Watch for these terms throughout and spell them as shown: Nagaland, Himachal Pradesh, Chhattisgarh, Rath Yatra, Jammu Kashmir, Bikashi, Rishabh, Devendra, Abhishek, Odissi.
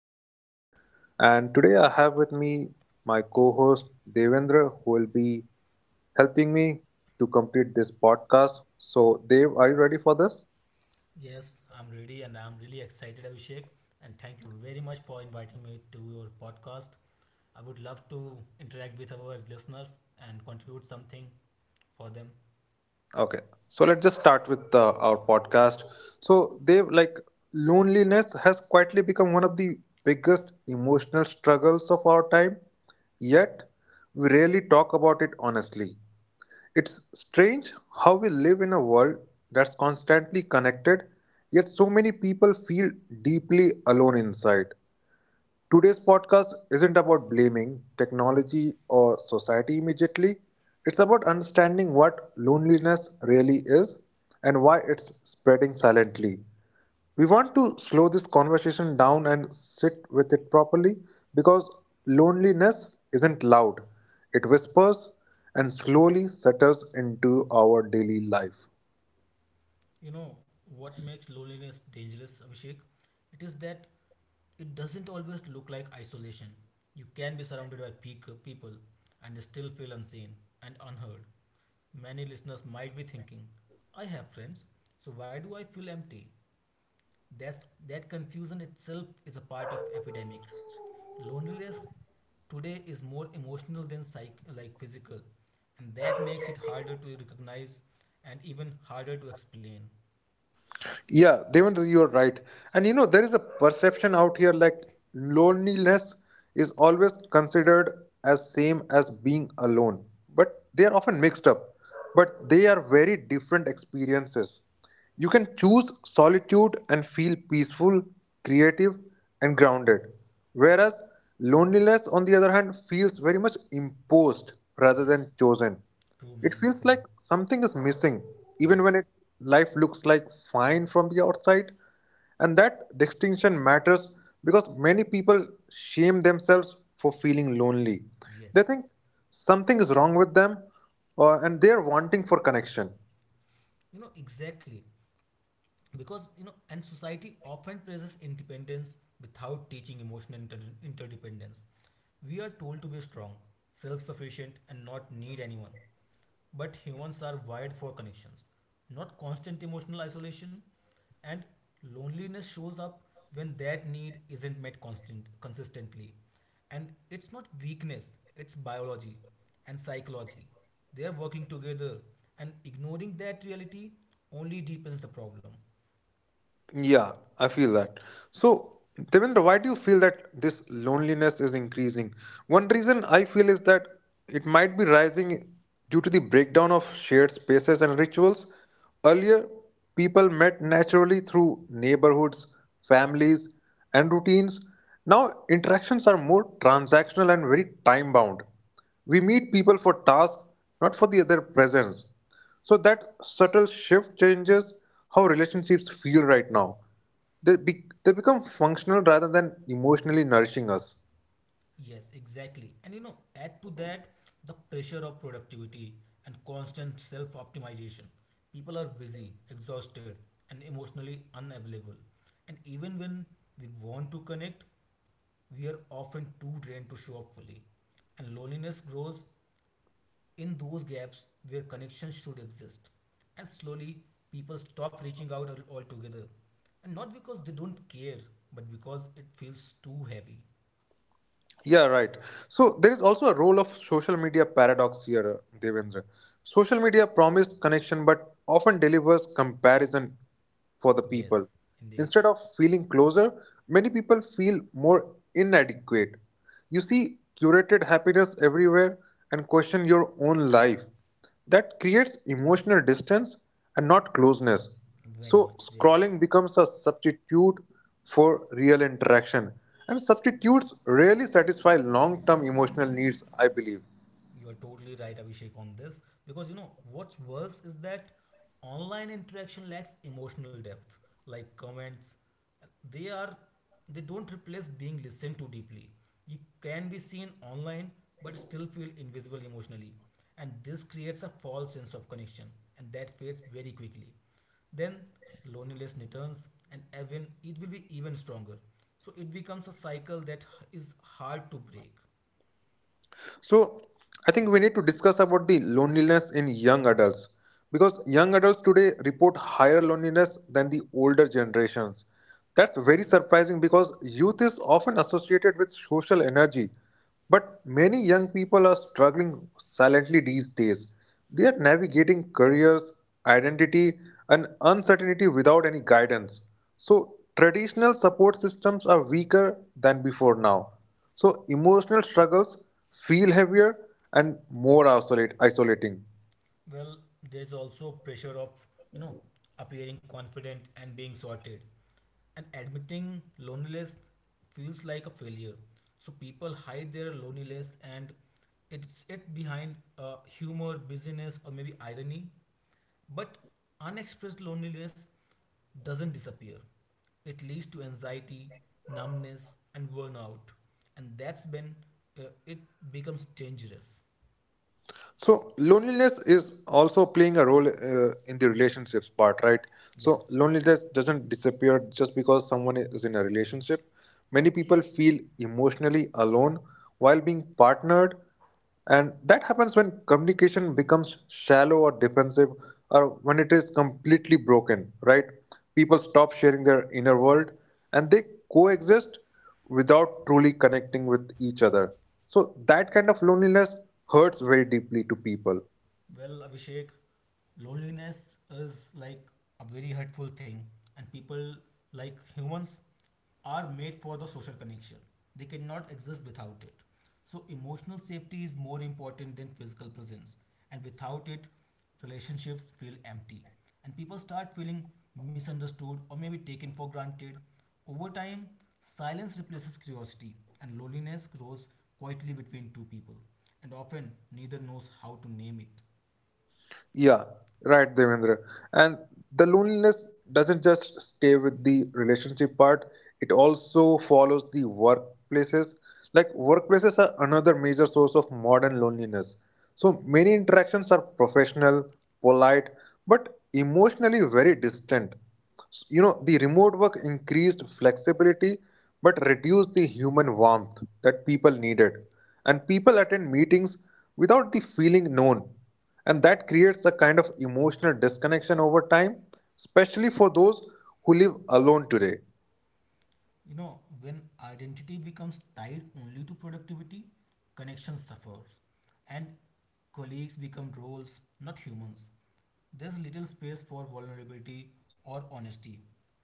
epidemic, and today I have with me my co-host Devendra, who will be helping me to complete this podcast. So Dev, are you ready for this? Yes, I'm ready and I'm really excited, Abhishek. And thank you very much for inviting me to your podcast. I would love to interact with our listeners and contribute something for them. Okay. So let's just start with our podcast. So Dev, like loneliness has quietly become one of the biggest emotional struggles of our time. Yet we rarely talk about it honestly. It's strange how we live in a world that's constantly connected, yet so many people feel deeply alone inside. Today's podcast isn't about blaming technology or society immediately. It's about understanding what loneliness really is and why it's spreading silently. We want to slow this conversation down and sit with it properly because loneliness isn't loud. It whispers and slowly settles into our daily life. You know, what makes loneliness dangerous, Abhishek? It is that it doesn't always look like isolation. You can be surrounded by peak people and still feel unseen and unheard. Many listeners might be thinking, I have friends, so why do I feel empty? That confusion itself is a part of epidemic. Loneliness today is more emotional than psych, like physical, and that makes it harder to recognize and even harder to explain. Yeah, Devendra, you are right. And you know, there is a perception out here like loneliness is always considered as same as being alone, but they are often mixed up. But they are very different experiences. You can choose solitude and feel peaceful, creative, and grounded, whereas loneliness, on the other hand, feels very much imposed rather than Yes. chosen. True, It man, feels like true. something is missing, even when it, Yes. life looks like fine from the outside. And that distinction matters because many people shame themselves for feeling lonely. They Yes. think something is wrong with them and they are wanting for connection. You know, exactly. Because, you know, and society often praises independence without teaching emotional interdependence. We are told to be strong, self sufficient, and not need anyone. But humans are wired for connections, not constant emotional isolation, and loneliness shows up when that need isn't met constant consistently. And it's not weakness, it's biology and psychology. They are working together, and ignoring that reality only deepens the problem. Yeah, I feel that. So, Devendra, why do you feel that this loneliness is increasing? One reason I feel is that it might be rising due to the breakdown of shared spaces and rituals. Earlier, people met naturally through neighborhoods, families, and routines. Now, interactions are more transactional and very time bound. We meet people for tasks, not for the other presence. So that subtle shift changes how relationships feel right now. They become functional rather than emotionally nourishing us. Yes, exactly. And you know, add to that the pressure of productivity and constant self optimization. People are busy, exhausted, and emotionally unavailable. And even when we want to connect, we are often too drained to show up fully. And loneliness grows in those gaps where connection should exist. And slowly, people stop reaching out altogether. And not because they don't care, but because it feels too heavy. Yeah, right. So there is also a role of social media paradox here, Devendra. Social media promised connection but often delivers comparison for the people. Yes, indeed. Instead of feeling closer, many people feel more inadequate. You see curated happiness everywhere and question your own life. That creates emotional distance and not closeness. Very So, much, yes. scrolling becomes a substitute for real interaction, and substitutes rarely satisfy long term emotional needs, I believe. You are totally right, Abhishek, on this. Because you know, what's worse is that online interaction lacks emotional depth, like comments. They are they don't replace being listened to deeply. You can be seen online but still feel invisible emotionally. And this creates a false sense of connection, and that fades very quickly. Then loneliness returns, and even it will be even stronger. So it becomes a cycle that is hard to break. So I think we need to discuss about the loneliness in young adults because young adults today report higher loneliness than the older generations. That's very surprising because youth is often associated with social energy, but many young people are struggling silently these days. They are navigating careers, identity, and uncertainty without any guidance. So, traditional support systems are weaker than before now. So emotional struggles feel heavier and more isolating. Well, there's also pressure of, you know, appearing confident and being sorted. And admitting loneliness feels like a failure. So people hide their loneliness and it behind humor, busyness, or maybe irony. But unexpressed loneliness doesn't disappear. It leads to anxiety, numbness, and burnout. And that's when it becomes dangerous. So loneliness is also playing a role in the relationships part, right? Yeah. So loneliness doesn't disappear just because someone is in a relationship. Many people feel emotionally alone while being partnered, and that happens when communication becomes shallow or defensive, or when it is completely broken, right? People stop sharing their inner world and they coexist without truly connecting with each other. So that kind of loneliness hurts very deeply to people. Well, Abhishek, loneliness is like a very hurtful thing, and people, like humans, are made for the social connection. They cannot exist without it. So, emotional safety is more important than physical presence, and without it, relationships feel empty, and people start feeling misunderstood or maybe taken for granted. Over time, silence replaces curiosity, and loneliness grows quietly between two people, and often neither knows how to name it. Yeah, right, Devendra. And the loneliness doesn't just stay with the relationship part, it also follows the workplaces. Like, workplaces are another major source of modern loneliness. So, many interactions are professional, polite, but emotionally very distant. You know, the remote work increased flexibility but reduced the human warmth that people needed. And people attend meetings without the feeling known and that creates a kind of emotional disconnection over time, especially for those who live alone today. You know, when identity becomes tied only to productivity, connection suffers, and colleagues become roles, not humans. There's little space for vulnerability or honesty.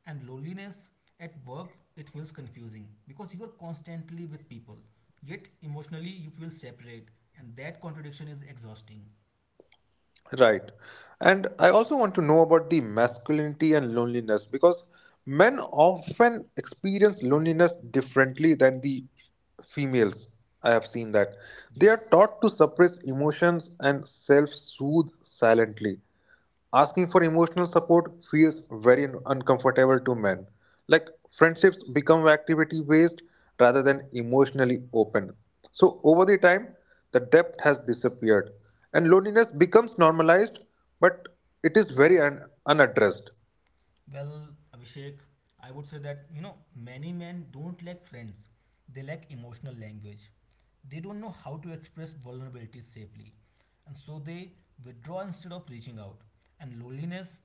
And loneliness at work, it feels confusing because you are constantly with people, yet emotionally you feel separate, and that contradiction is exhausting. Right. And I also want to know about the masculinity and loneliness because men often experience loneliness differently than the females. I have seen that. They are Yes. taught to suppress emotions and self soothe silently. Asking for emotional support feels very uncomfortable to men. Like friendships become activity based rather than emotionally open. So over the time, the depth has disappeared and loneliness becomes normalized, but it is very unaddressed. Well, Abhishek, I would say that you know many men don't lack friends; they lack emotional language. They don't know how to express vulnerability safely, and so they withdraw instead of reaching out. And loneliness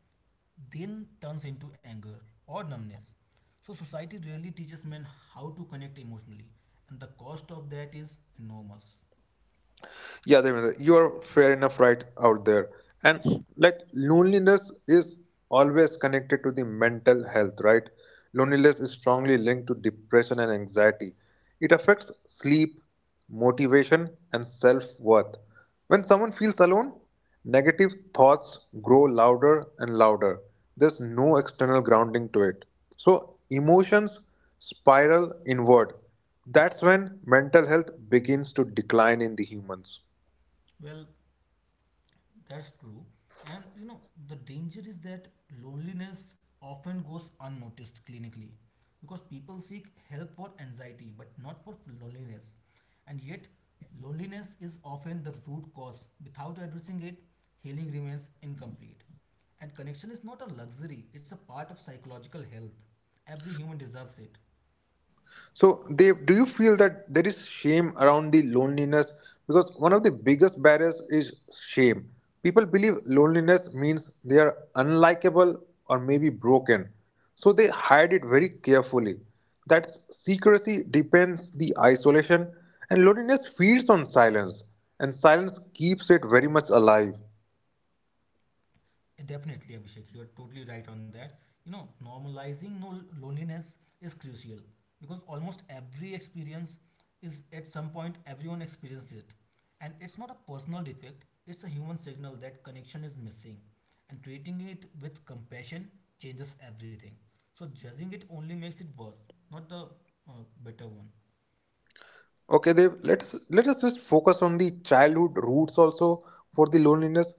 then turns into anger or numbness. So society rarely teaches men how to connect emotionally, and the cost of that is enormous. Yeah, Devendra, you are fair enough right out there. And like loneliness is always connected to the mental health, right? Loneliness is strongly linked to depression and anxiety. It affects sleep, motivation, and self worth. When someone feels alone, negative thoughts grow louder and louder. There's no external grounding to it. So emotions spiral inward. That's when mental health begins to decline in the humans. Well, that's true. And you know, the danger is that loneliness often goes unnoticed clinically because people seek help for anxiety but not for loneliness. And yet, loneliness is often the root cause. Without addressing it, healing remains incomplete. And connection is not a luxury, it's a part of psychological health. Every human deserves it. So, do you feel that there is shame around the loneliness? Because one of the biggest barriers is shame. People believe loneliness means they are unlikable or maybe broken. So they hide it very carefully. That secrecy depends the isolation, and loneliness feeds on silence, and silence keeps it very much alive. Definitely, Abhishek, you're totally right on that. You know, normalizing no loneliness is crucial because almost every experience is at some point everyone experienced it. And it's not a personal defect, it's a human signal that connection is missing. And treating it with compassion changes everything. So judging it only makes it worse, not the uh, better one. Okay, Dev, let us just focus on the childhood roots also for the loneliness,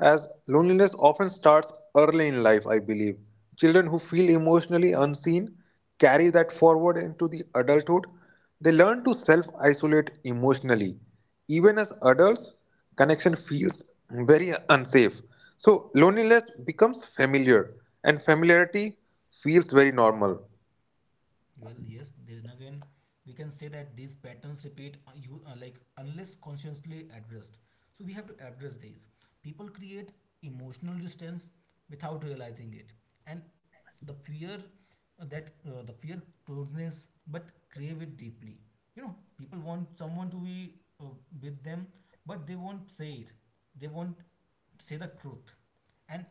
as loneliness often starts early in life, I believe. Children who feel emotionally unseen carry that forward into the adulthood. They learn to self-isolate emotionally. Even as adults, connection feels very unsafe. So loneliness becomes familiar, and familiarity feels very normal. Well, yes, then again we can say that these patterns repeat you like unless consciously addressed, so we have to address these. People create emotional distance without realizing it, and the fear, that the fear closeness but crave it deeply. You know, people want someone to be uh, with them, but they won't say it. They won't say the truth, and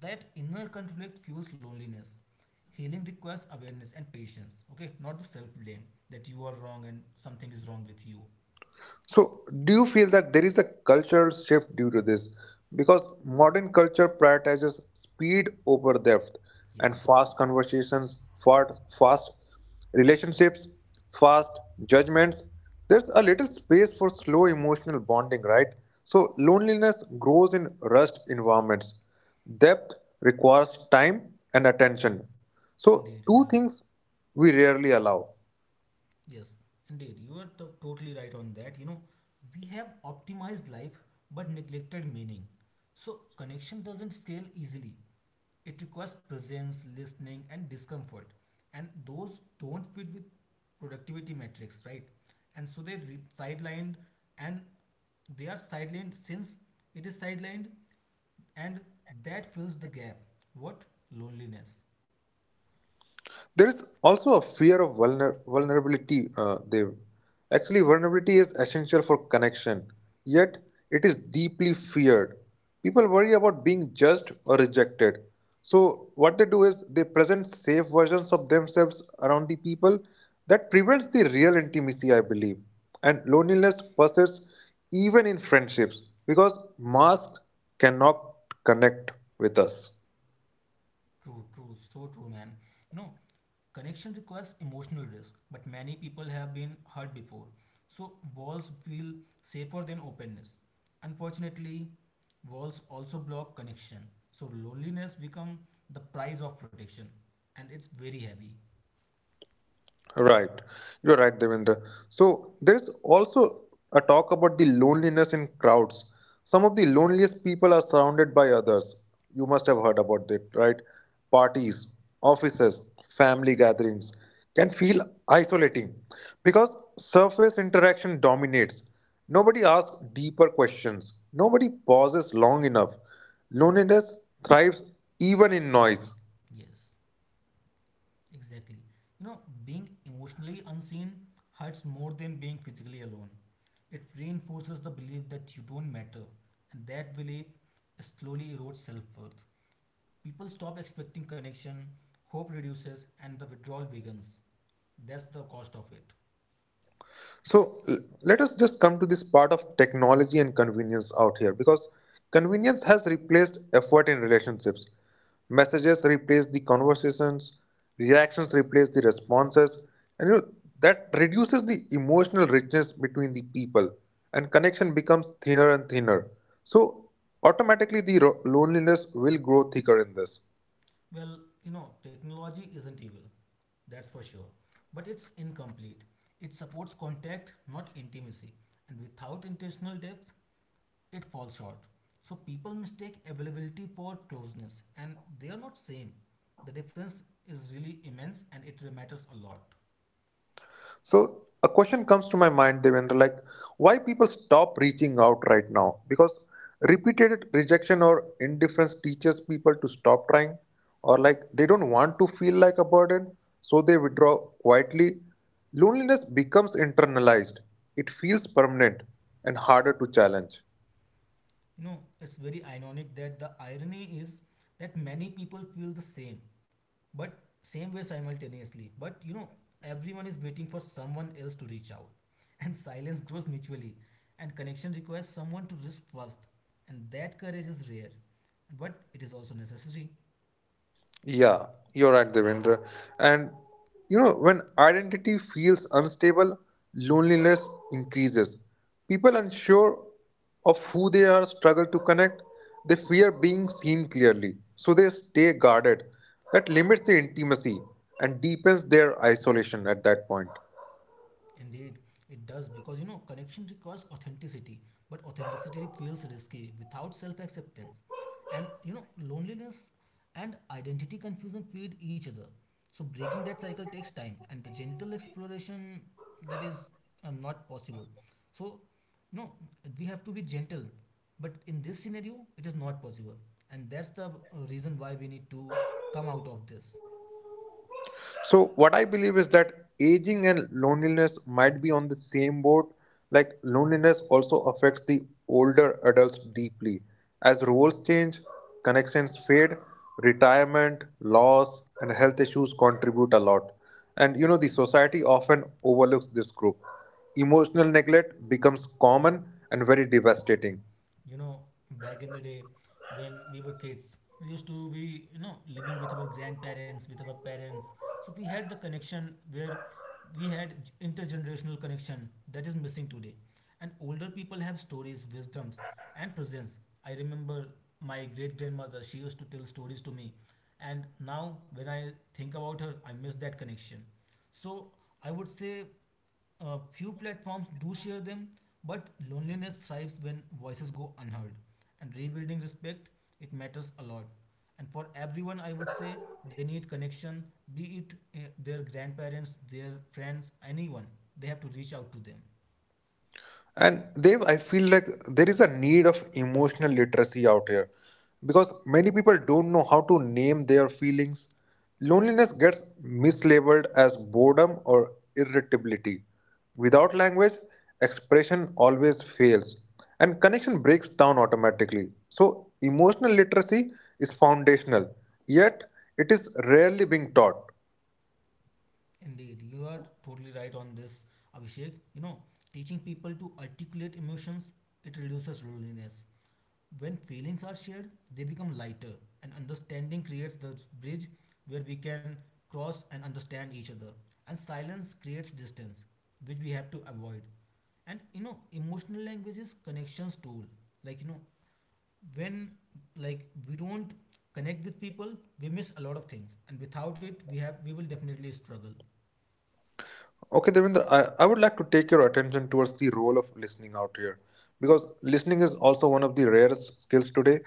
that inner conflict fuels loneliness. Healing requires awareness and patience, okay? Not the self blame that you are wrong and something is wrong with you. So, do you feel that there is a cultural shift due to this? Because modern culture prioritizes speed over depth and Yes, fast conversations, fast relationships, fast judgments. There's a little space for slow emotional bonding, right? So, loneliness grows in rushed environments. Depth requires time and attention. So, indeed, it two does. things we rarely allow. Yes, indeed, you are totally right on that. You know, we have optimized life but neglected meaning. So, connection doesn't scale easily. It requires presence, listening, and discomfort. And those don't fit with productivity metrics, right? And so they re- sidelined, and they are sidelined since it is sidelined and that fills the gap what loneliness. There is also a fear of vulnerability, Dev. Actually, vulnerability is essential for connection, yet, it is deeply feared. People worry about being judged or rejected. So, what they do is they present safe versions of themselves around the people. That prevents the real intimacy, I believe. And loneliness persists even in friendships because masks cannot connect with us. True, true, so true, man. You know, connection requires emotional risk, but many people have been hurt before, so walls feel safer than openness. Unfortunately, walls also block connection, so loneliness become the price of protection, and it's very heavy. Right. You're right, Devendra. So there is also a talk about the loneliness in crowds. Some of the loneliest people are surrounded by others. You must have heard about it, right? Parties, offices, family gatherings can feel isolating because surface interaction dominates. Nobody asks deeper questions. Nobody pauses long enough. Loneliness thrives even in noise. Yes. Exactly. You know, being emotionally unseen hurts more than being physically alone. It reinforces the belief that you don't matter, and that belief slowly erodes self worth. People stop expecting connection, hope reduces, and the withdrawal begins. That's the cost of it. So let us just come to this part of technology and convenience out here because convenience has replaced effort in relationships. Messages replace the conversations, reactions replace the responses, and you know, that reduces the emotional richness between the people and connection becomes thinner and thinner. So automatically the loneliness will grow thicker in this. Well, you know, technology isn't evil, that's for sure, but it's incomplete. It supports contact, not intimacy, and without intentional depth, it falls short. So people mistake availability for closeness and they are not same. The difference is really immense and it matters a lot. So a question comes to my mind, Devendra, like why people stop reaching out right now? Because repeated rejection or indifference teaches people to stop trying, or like they don't want to feel like a burden, so they withdraw quietly. Loneliness becomes internalized. It feels permanent and harder to challenge. You know, it's very ironic that the irony is that many people feel the same, but same way simultaneously. But you know, everyone is waiting for someone else to reach out. And silence grows mutually. And connection requires someone to risk first. And that courage is rare. But it is also necessary. Yeah, you're right, Devendra. And you know, when identity feels unstable, loneliness increases. People unsure of who they are struggle to connect. They fear being seen clearly, so they stay guarded. That limits the intimacy and deepens their isolation at that point. Indeed, it does, because you know connection requires authenticity, but authenticity feels risky without self acceptance. And you know, loneliness and identity confusion feed each other. So, breaking that cycle takes time, and the gentle exploration, that is not possible. So, no, we have to be gentle, but in this scenario, it is not possible, and that's the reason why we need to come out of this. So, what I believe is that aging and loneliness might be on the same boat. Like, loneliness also affects the older adults deeply. As roles change, connections fade, retirement, loss, and health issues contribute a lot. And you know, the society often overlooks this group. Emotional neglect becomes common and very devastating. You know, back in the day when we were kids, we used to be, you know, living with our grandparents, with our parents. So we had the connection where we had intergenerational connection that is missing today. And older people have stories, wisdoms, and presence. I remember my great grandmother, she used to tell stories to me, and now when I think about her, I miss that connection. So I would say a few platforms do share them, but loneliness thrives when voices go unheard. And rebuilding respect, it matters a lot. And for everyone, I would say they need connection, be it their grandparents, their friends, anyone. They have to reach out to them. And they I feel like there is a need of emotional literacy out here because many people don't know how to name their feelings. Loneliness gets mislabeled as boredom or irritability. Without language, expression always fails and connection breaks down automatically. So emotional literacy is foundational, yet it is rarely being taught. Indeed, you are totally right on this, Abhishek. You know, teaching people to articulate emotions, it reduces loneliness. When feelings are shared, they become lighter, and understanding creates the bridge where we can cross and understand each other. And silence creates distance, which we have to avoid. And you know, emotional language is connections tool. Like you know, when we don't connect with people, we miss a lot of things, and without it, we will definitely struggle. Okay, Devendra, I would like to take your attention towards the role of listening out here because listening is also one of the rarest skills today.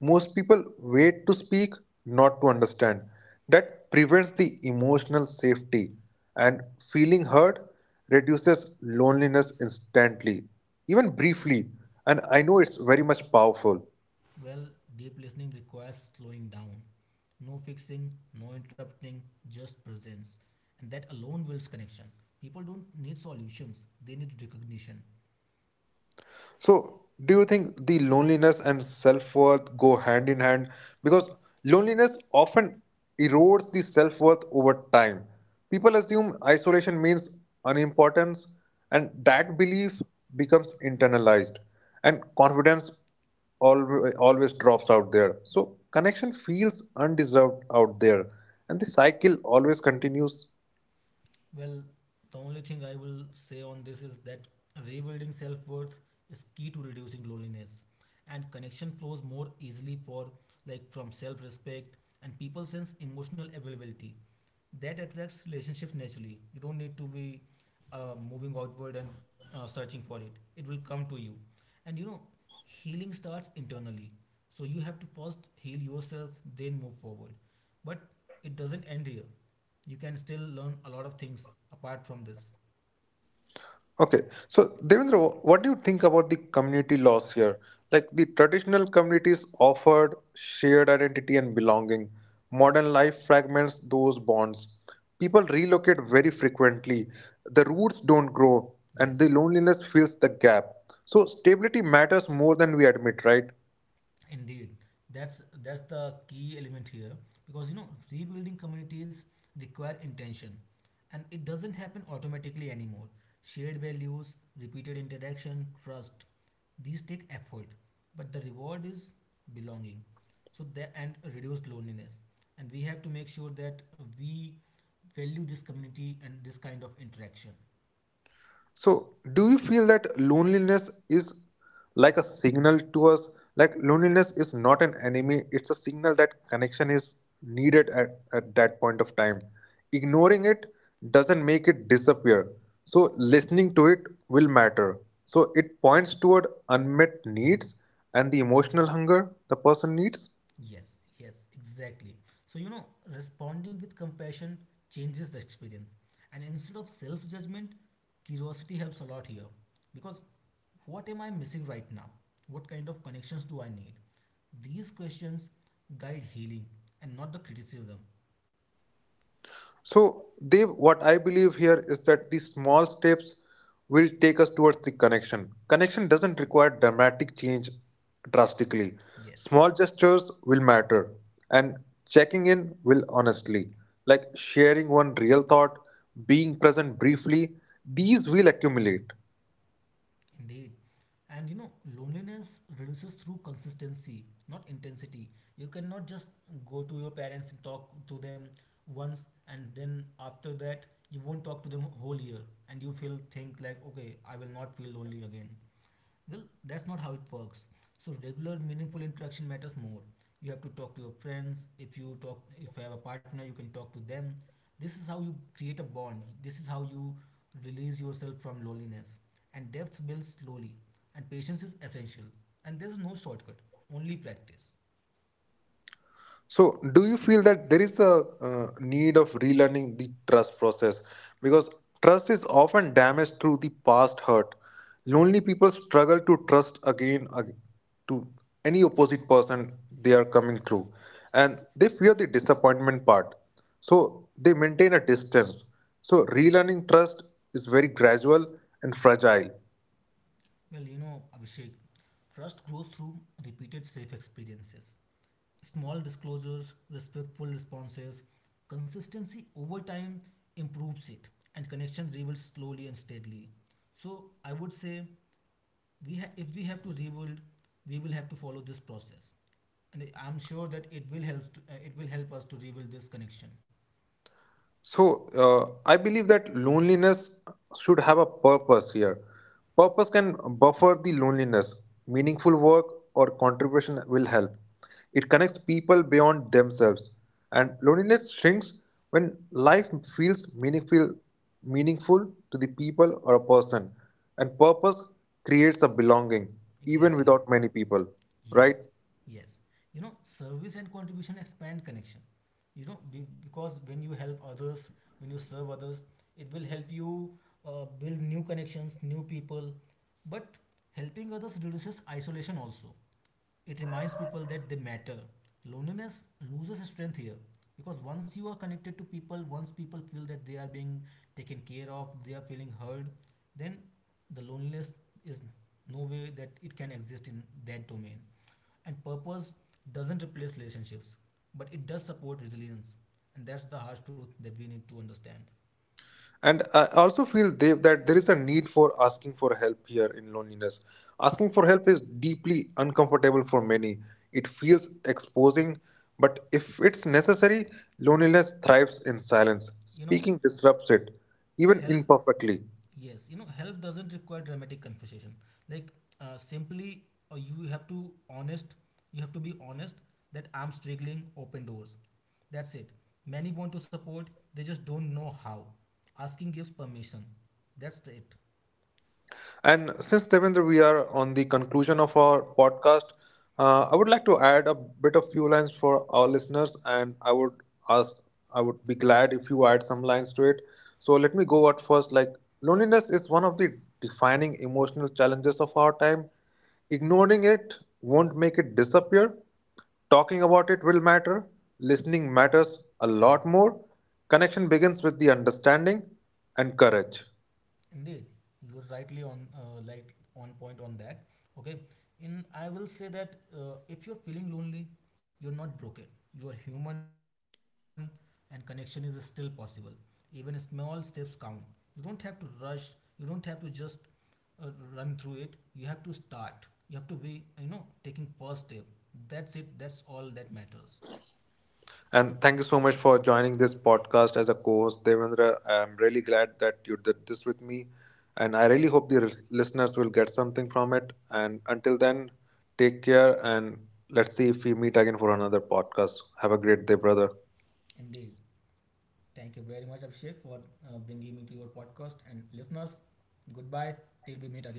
Most people wait to speak, not to understand. That prevents the emotional safety, and feeling heard reduces loneliness instantly, even briefly. And I know it's very much powerful. Well, deep listening requires slowing down. No fixing, no interrupting, just presence. And that alone builds connection. People don't need solutions, they need recognition. So, do you think the loneliness and self worth go hand in hand? Because loneliness often erodes the self worth over time. People assume isolation means unimportance, and that belief becomes internalized, and confidence always drops out there. So, connection feels undeserved out there, and the cycle always continues. Well, the only thing I will say on this is that rebuilding self worth is key to reducing loneliness. And connection flows more easily for, like, from self respect, and people sense emotional availability that attracts relationships naturally. You don't need to be moving outward and searching for it. It will come to you. And you know, healing starts internally. So you have to first heal yourself, then move forward. But it doesn't end here. You can still learn a lot of things apart from this. Okay, so Devendra, what do you think about the community loss here? Like the traditional communities offered shared identity and belonging. Modern life fragments those bonds. People relocate very frequently. The roots don't grow, and the Yes. loneliness fills the gap. So stability matters more than we admit, right? Indeed, that's the key element here, because you know rebuilding communities require intention, and it doesn't happen automatically anymore. Shared values, repeated interaction, trust, these take effort, but the reward is belonging. So that and reduced loneliness, and we have to make sure that we value this community and this kind of interaction. So, do you feel that loneliness is like a signal to us? Like, loneliness is not an enemy, it's a signal that connection is needed at that point of time. Ignoring it doesn't make it disappear. So, listening to it will matter. So, it points toward unmet needs and the emotional hunger the person needs. Yes, yes, exactly. So, you know, responding with compassion changes the experience. And instead of self judgment, curiosity helps a lot here. Because what am I missing right now? What kind of connections do I need? These questions guide healing and not the criticism. So, Dev, what I believe here is that these small steps will take us towards the connection. Connection doesn't require dramatic change drastically. Yes. Small gestures will matter, and checking in will honestly, like sharing one real thought, being present briefly, these will accumulate. Indeed. And you know, loneliness reduces through consistency, not intensity. You cannot just go to your parents and talk to them once and then after that you won't talk to them whole year and you feel think like okay, I will not feel lonely again. Well, that's not how it works. So regular, meaningful interaction matters more. You have to talk to your friends. If you talk, if you have a partner, you can talk to them. This is how you create a bond. This is how you release yourself from loneliness. And depth builds slowly. And patience is essential. And there is no shortcut. Only practice. So, do you feel that there is a need of relearning the trust process? Because trust is often damaged through the past hurt. Lonely people struggle to trust to any opposite person they are coming through, and they fear the disappointment part. So, they maintain a distance. So, relearning trust is very gradual and fragile. Well, you know, Abhishek, trust grows through repeated safe experiences. Small disclosures, respectful responses, consistency over time improves it, and connection rebuilds slowly and steadily. So I would say if we have to rebuild, we will have to follow this process, and I'm sure that it will help. To, it will help us to rebuild this connection. So, I believe that loneliness should have a purpose here. Purpose can buffer the loneliness. Meaningful work or contribution will help. It connects people beyond themselves. And loneliness shrinks when life feels meaningful, meaningful to the people or a person. And purpose creates a belonging, even Exactly. without many people, right? Yes, yes. You know, service and contribution expand connection. You know, because when you help others, when you serve others, it will help you build new connections, new people. But helping others reduces isolation also. It reminds people that they matter. Loneliness loses strength here because once you are connected to people, once people feel that they are being taken care of, they are feeling heard, then the loneliness is no way that it can exist in that domain. And purpose doesn't replace relationships, but it does support resilience. And that's the harsh truth that we need to understand. And I also feel that there is a need for asking for help here in loneliness. Asking for help is deeply uncomfortable for many. It feels exposing, but if it's necessary, loneliness thrives in silence. You know, Speaking disrupts it, even help imperfectly. Yes, you know, health doesn't require dramatic confession. Like simply, you have to honest. You have to be honest that I'm struggling. Open doors. That's it. Many want to support. They just don't know how. Asking gives permission. That's the it. And since Devendra, we are on the conclusion of our podcast, I would like to add a bit of few lines for our listeners, and ask, I would be glad if you add some lines to it. So let me go out first. Like loneliness is one of the defining emotional challenges of our time. Ignoring it won't make it disappear. Talking about it will matter. Listening matters a lot more. Connection begins with the understanding and courage. Indeed, you are rightly on like on point on that. Okay, in I will say that if you're feeling lonely, you're not broken. You are human, and connection is still possible. Even small steps count. You don't have to rush. You don't have to just uh, run through it. You have to start. You have to be you know taking first step. That's it. That's all that matters. And thank you so much for joining this podcast as a co-host, Devendra. I'm really glad that you did this with me, and I really hope the listeners will get something from it. And until then, take care, and let's see if we meet again for another podcast. Have a great day, brother. Indeed. Thank you very much, Abhishek, for bringing me to your podcast. And listeners, goodbye till we meet again.